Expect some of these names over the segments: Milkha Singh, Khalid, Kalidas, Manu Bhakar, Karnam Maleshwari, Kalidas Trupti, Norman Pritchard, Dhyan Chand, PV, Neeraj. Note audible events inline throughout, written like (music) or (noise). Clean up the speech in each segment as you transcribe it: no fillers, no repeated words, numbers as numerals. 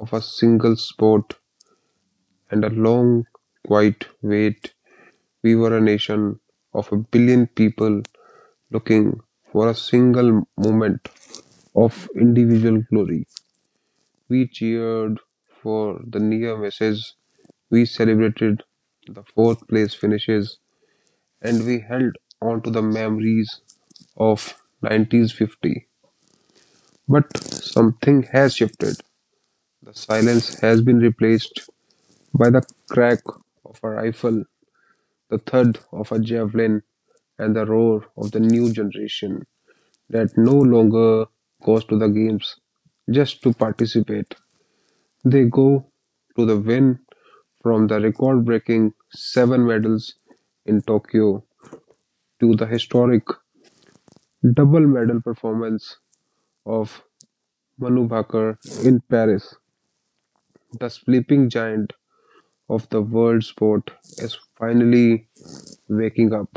Of a single sport and a long, quiet wait. We were a nation of a billion people looking for a single moment of individual glory. We cheered for the near misses, we celebrated the fourth place finishes, and we held on to the memories of 1950. But something has shifted. The silence has been replaced by the crack of a rifle, the thud of a javelin, and the roar of the new generation that no longer goes to the games just to participate. They go to the win from the record breaking seven medals in Tokyo to the historic double medal performance of Manu Bhakar in Paris. The sleeping giant of the world sport is finally waking up.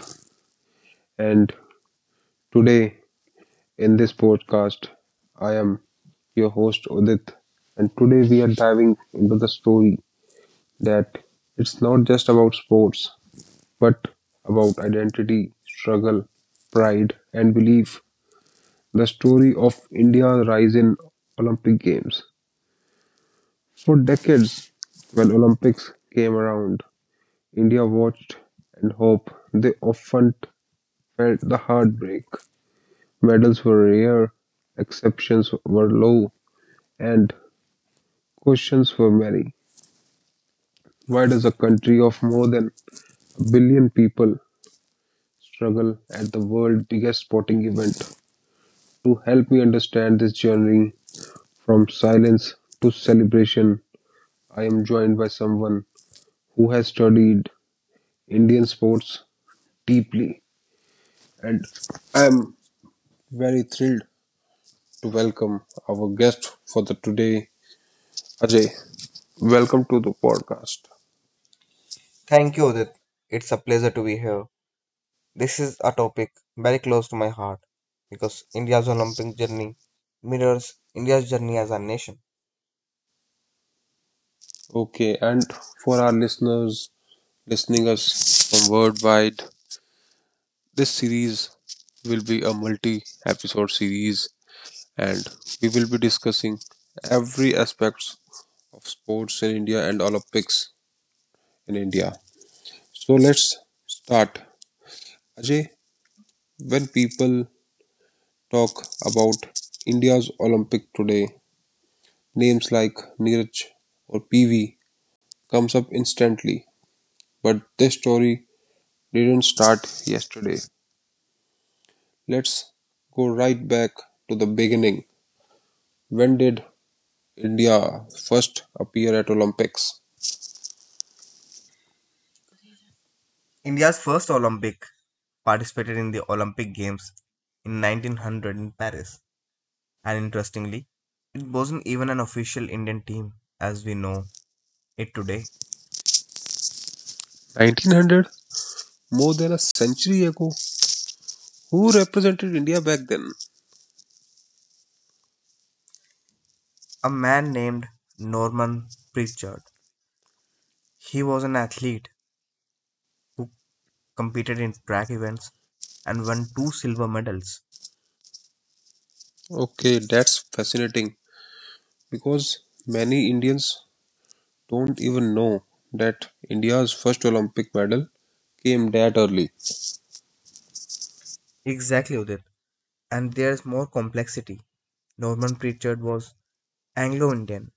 And today, in this podcast, I am your host Udit. And today, we are diving into the story that it's not just about sports, but about identity, struggle, pride, and belief. The story of India's rise in Olympic Games. For decades, when Olympics came around, India watched and hoped. They often felt the heartbreak. Medals were rare, exceptions were low, and questions were many. Why does a country of more than a billion people struggle at the world's biggest sporting event? To help me understand this journey from silence to celebration, I am joined by someone who has studied Indian sports deeply, and I am very thrilled to welcome our guest for the today, Ajay. Welcome to the podcast. Thank you, Udit. It's a pleasure to be here. This is a topic very close to my heart because India's Olympic journey mirrors India's journey as a nation. Okay, and for our listeners listening us from worldwide, this series will be a multi-episode series, and we will be discussing every aspects of sports in India and Olympics in India. So let's start. Ajay, when people talk about India's Olympic today, names like Neeraj or PV comes up instantly, but this story didn't start yesterday. Let's go right back to the beginning. When did India first appear at Olympics? India's first Olympic participated in the Olympic Games in 1900 in Paris, and interestingly, it wasn't even an official Indian team as we know it today. 1900? More than a century ago. Who represented India back then? A man named Norman Pritchard. He was an athlete who competed in track events and won two silver medals. Okay, that's fascinating because many Indians don't even know that India's first Olympic medal came that early. Exactly, Udit, and there's more complexity. Norman Pritchard was Anglo Indian,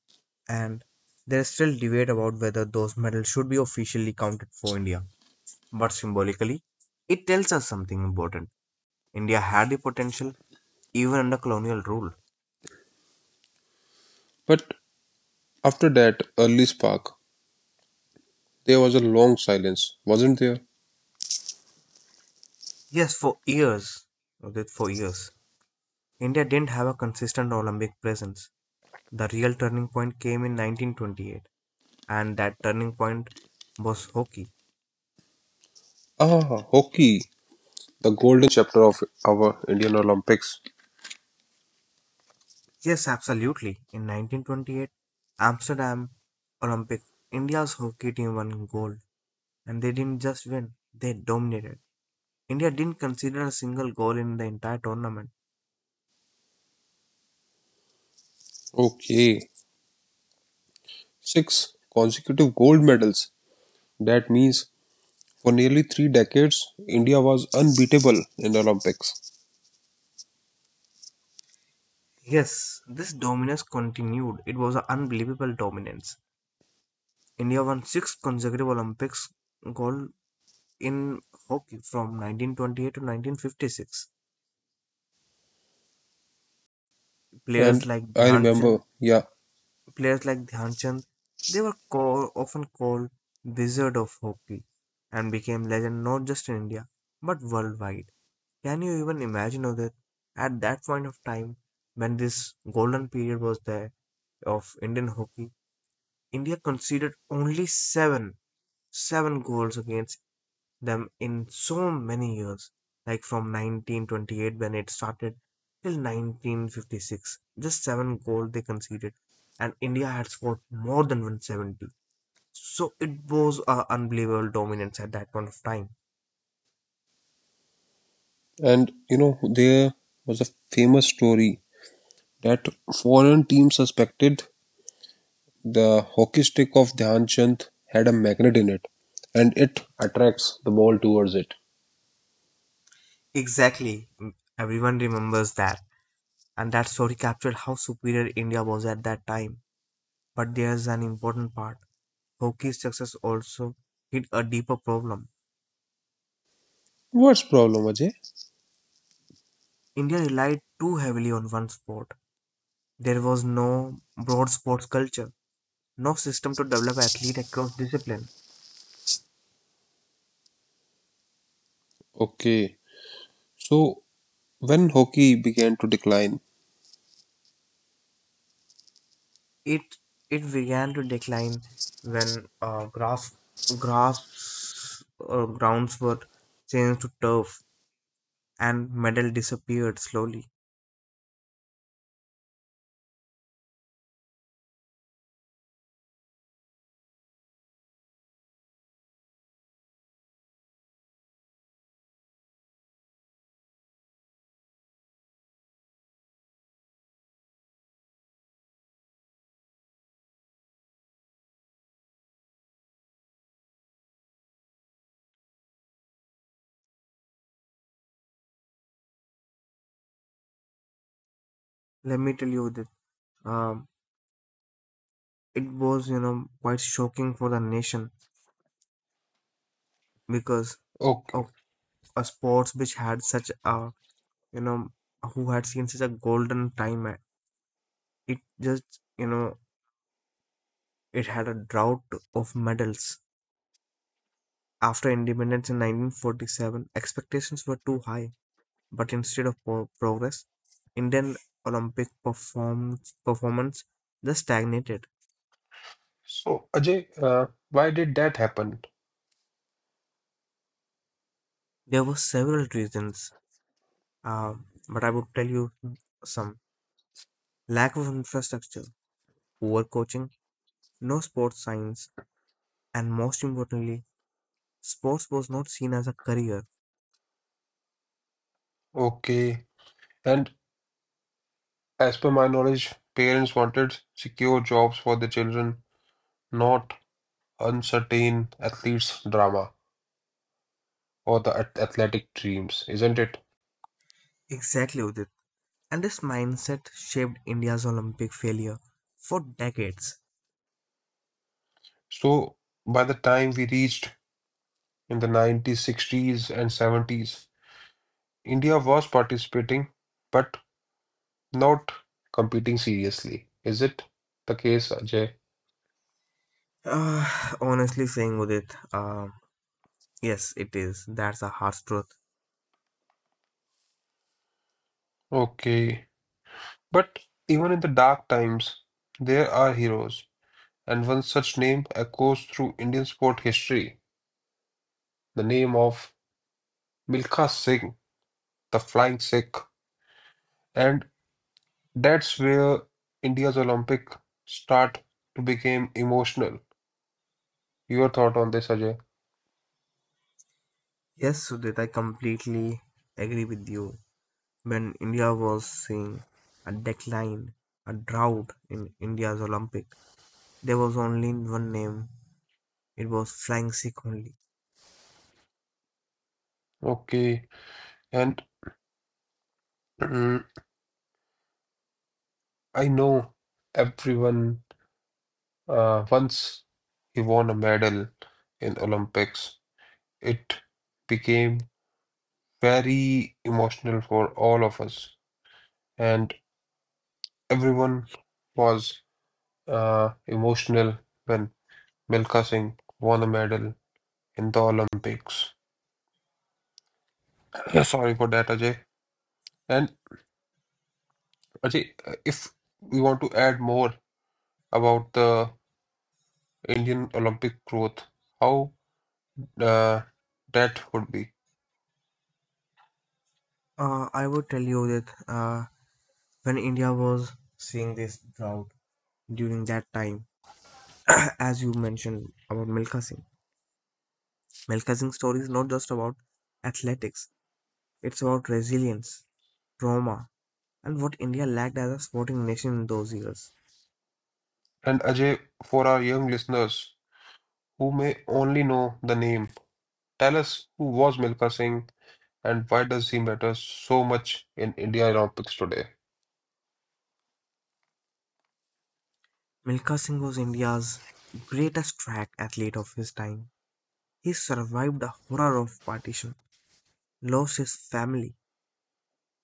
and there's still debate about whether those medals should be officially counted for India. But symbolically, it tells us something important. India had the potential even under colonial rule. But after that early spark, there was a long silence, wasn't there? Yes, for years, India didn't have a consistent Olympic presence. The real turning point came in 1928, and that turning point was hockey. Ah, hockey. The golden chapter of our Indian Olympics. Yes, absolutely. In 1928, Amsterdam Olympic, India's hockey team won gold, and they didn't just win, they dominated. India didn't consider a single goal in the entire tournament. Okay, six consecutive gold medals. That means for nearly three decades, India was unbeatable in the Olympics. Yes, this dominance continued. It was an unbelievable dominance. India won six consecutive Olympics gold in hockey from 1928 to 1956. And Players like I Dhyan remember, yeah. Players like Dhyan Chand, they were call, often called wizard of hockey and became legend not just in India but worldwide. Can you even imagine of that at that point of time when this golden period was there of Indian hockey, India conceded only seven goals against them in so many years, like from 1928 when it started till 1956. Just seven goals they conceded, and India had scored more than 170. So it was a unbelievable dominance at that point of time. And you know, there was a famous story that foreign team suspected the hockey stick of Dhyan Chand had a magnet in it, and it attracts the ball towards it. Exactly. Everyone remembers that. And that story captured how superior India was at that time. But there's an important part. Hockey's success also hit a deeper problem. What's problem, Ajay? India relied too heavily on one sport. There was no broad sports culture, no system to develop athletes across discipline. Okay, so when hockey began to decline, It it began to decline when grass grass grounds were changed to turf and medal disappeared slowly. Let me tell you that um, it was quite shocking for the nation because okay. of a sports which had such a you know who had seen such a golden time. It just, it had a drought of medals. After independence in 1947, expectations were too high, but instead of progress, Indian Olympic performance just stagnated. So, Ajay, why did that happen? There were several reasons, uh, but I would tell you some lack of infrastructure, poor coaching, no sports science, and most importantly, sports was not seen as a career. Okay. And as per my knowledge, parents wanted secure jobs for the children, not uncertain athletes' drama or the athletic dreams, isn't it? Exactly, Udit. And this mindset shaped India's Olympic failure for decades. So, by the time we reached in the 90s, 60s, and 70s, India was participating, but not competing seriously. Is it the case, Ajay? Uh, Honestly saying, Udit, yes, it is. That's a harsh truth. Okay. But even in the dark times, there are heroes, and one such name echoes through Indian sport history, the name of Milkha Singh, the Flying Sikh. And that's where India's Olympic start to become emotional. Your thought on this, Ajay? Yes, Sudhit, I completely agree with you. When India was seeing a decline, a drought in India's Olympic, there was only one name. It was flying Sikh only. Okay, and mm, I know everyone once he won a medal in Olympics, it became very emotional for all of us, and everyone was emotional when Milka Singh won a medal in the Olympics. Yeah, sorry for that, Ajay. And Ajay, if we want to add more about the Indian Olympic growth, how uh, that would be. I would tell you that when India was seeing this drought during that time, (coughs) (clears throat) as you mentioned about Milkha Singh. Melchizedek's story is not just about athletics, it's about resilience, trauma, and what India lacked as a sporting nation in those years. And Ajay, for our young listeners who may only know the name, tell us who was Milka Singh and why does he matter so much in India Olympics today? Milkha Singh was India's greatest track athlete of his time. He survived the horror of partition, lost his family,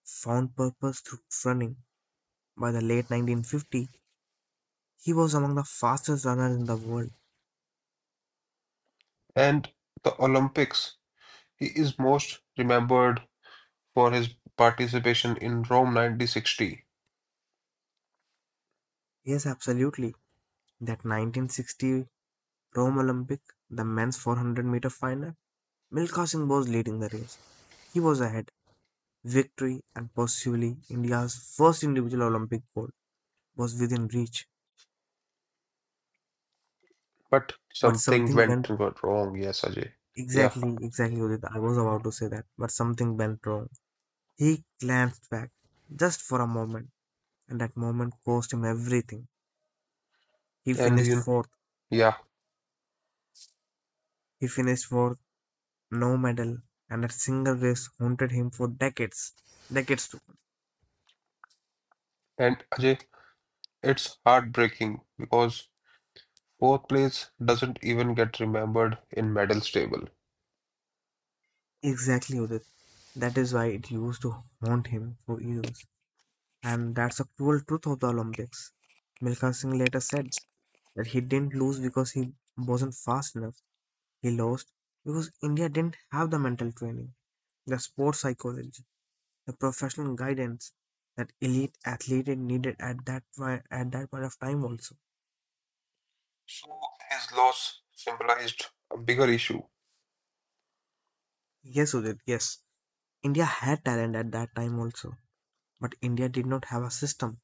found purpose through running. By the late 1950, he was among the fastest runners in the world. And the Olympics, he is most remembered for his participation in Rome 1960. Yes, absolutely. That 1960 Rome Olympic, the men's 400-meter final, Milkha Singh was leading the race. He was ahead. Victory and possibly India's first individual Olympic gold was within reach. But But something something went went wrong, yes, Ajay. Yeah, exactly, Udit. I was about to say that, but something went wrong. He glanced back just for a moment, and that moment cost him everything. He and finished you know, fourth. yeah, He finished fourth, no medal, and that single race haunted him for decades. Decades to come. and Ajay, it's heartbreaking because fourth place doesn't even get remembered in medals table. Exactly, Udit. That is why it used to haunt him for years. And that's a cruel truth of the Olympics. Milkha Singh later said that he didn't lose because he wasn't fast enough. He lost because India didn't have the mental training, the sports psychology, the professional guidance that elite athlete needed at that at that point of time also. So his loss symbolized a bigger issue. Yes, Udit, yes. India had talent at that time also, but India did not have a system.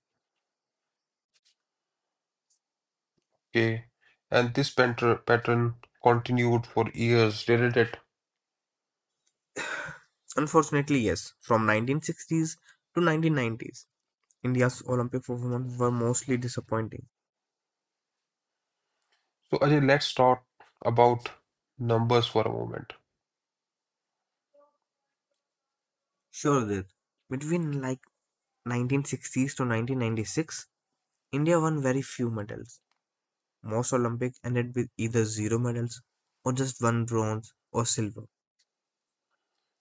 Okay, and this pattern continued for years, didn't it? Unfortunately, yes, from 1960s to 1990s, India's Olympic performance were mostly disappointing. So Ajay, let's talk about numbers for a moment. Sure, did. Between like 1960s to 1996, India won very few medals. Most Olympic ended with either zero medals or just one bronze or silver.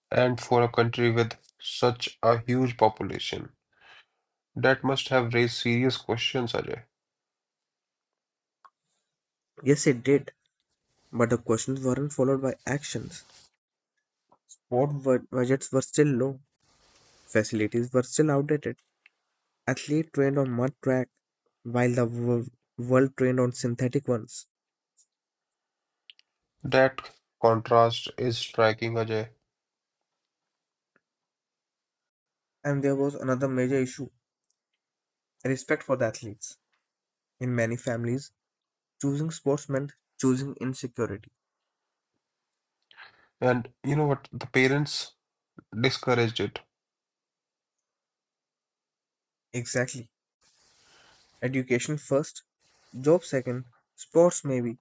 And for a country with such a huge population, that must have raised serious questions, Ajay. Yes, it did, but the questions weren't followed by actions. Sport budgets were still low, facilities were still outdated. Athletes trained on mud track while the world trained on synthetic ones. That contrast is striking, Ajay. And there was another major issue respect for the athletes. In many families, choosing sports meant choosing insecurity. And you know what? The parents discouraged it. Exactly. Education first, job second, sports maybe,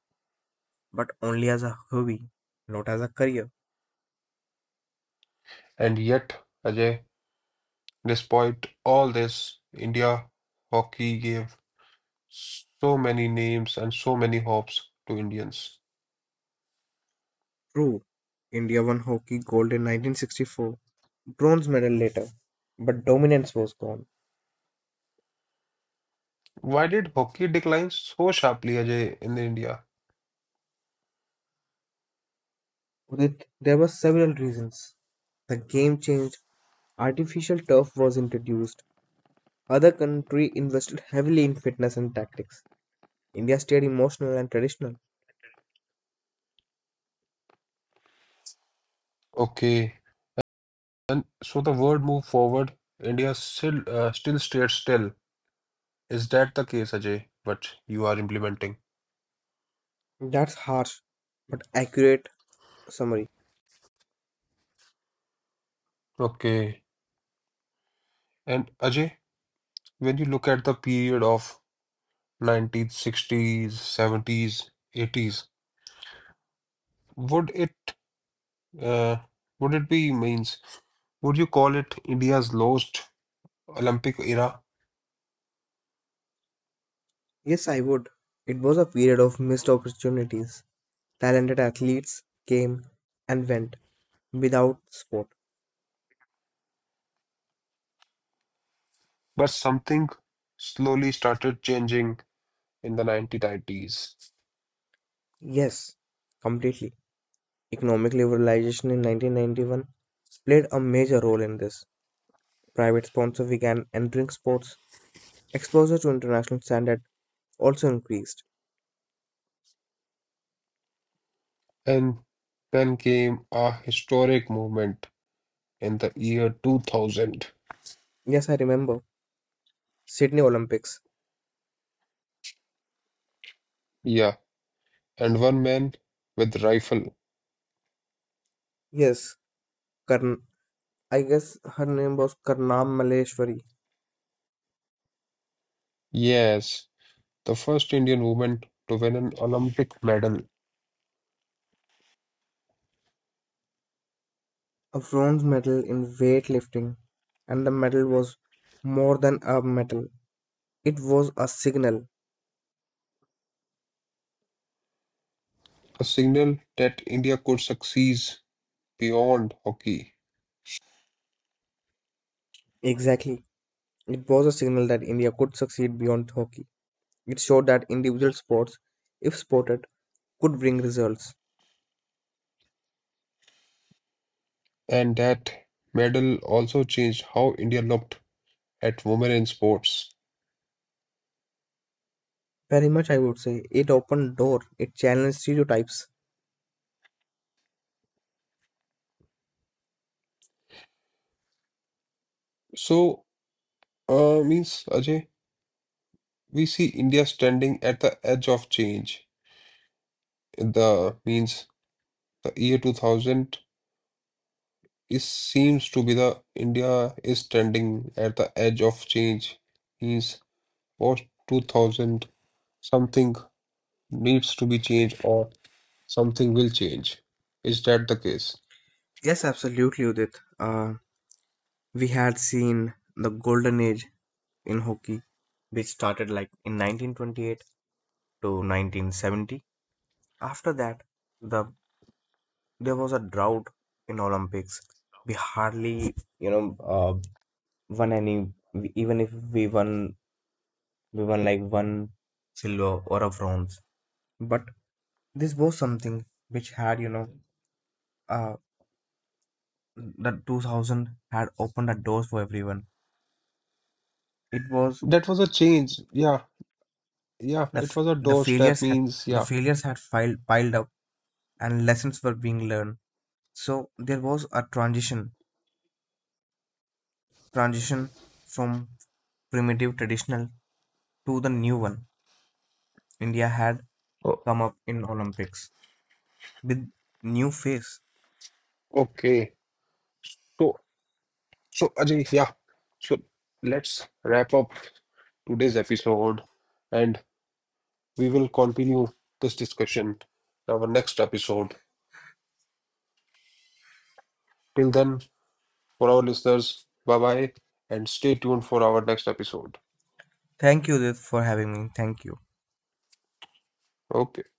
but only as a hobby, not as a career. And yet, Ajay, despite all this, India hockey gave so many names and so many hopes to Indians. True. India won hockey gold in 1964, bronze medal later, but dominance was gone. Why did hockey decline so sharply, Ajay, in the India? Udit, there were several reasons. The game changed, artificial turf was introduced, other country invested heavily in fitness and tactics. India stayed emotional and traditional. Okay. And so the world moved forward. India still stays still. Is that the case, Ajay? What you are implementing? That's harsh but accurate summary. Okay. And Ajay, when you look at the period of 1960s, 70s, 80s, would it uh, would it be means would you call it India's lost Olympic era? Yes, I would. It was a period of missed opportunities. Talented athletes came and went without sport. But something slowly started changing in the 1990s. Yes, completely. Economic liberalization in 1991 played a major role in this. Private sponsors began entering sports. Exposure to international standard also increased. And then came a historic movement in the year 2000. Yes, I remember. Sydney Olympics. Yeah, and one man with rifle. Yes, Karn. I guess her name was Karnam Maleshwari, Yes, the first Indian woman to win an Olympic medal. a bronze medal in weightlifting, and the medal was more than a medal. It was a signal. A signal that India could succeed beyond hockey. Exactly. It was a signal that India could succeed beyond hockey. It showed that individual sports, if supported, could bring results. And that medal also changed how India looked at women in sports. Very much, I would say. It opened door. It challenged stereotypes. So, means Ajay, we see India standing at the edge of change. The means The year 2000 is seems to be the India is standing at the edge of change. Means post 2000 something needs to be changed or something will change. Is that the case? Yes, absolutely, Udit. Uh, we had seen the golden age in hockey, which started like in 1928 to 1970. After that, the there was a drought in Olympics. We hardly, you know, uh, won any. Even if we won, we won like one silver or a bronze. But this was something which had, uh, the 2000 had opened the doors for everyone. It was That was a change. Yeah, yeah. the It was a the doorstep. failures had Means yeah. Filed, piled up and lessons were being learned. So there was a transition from primitive traditional to the new one. India had O- come up in Olympics with new face. okay. So so Ajay, yeah. So let's wrap up today's episode and we will continue this discussion in our next episode. Till then. For our listeners, bye bye and stay tuned for our next episode. Thank you, Udit, for having me. Thank you. Okay.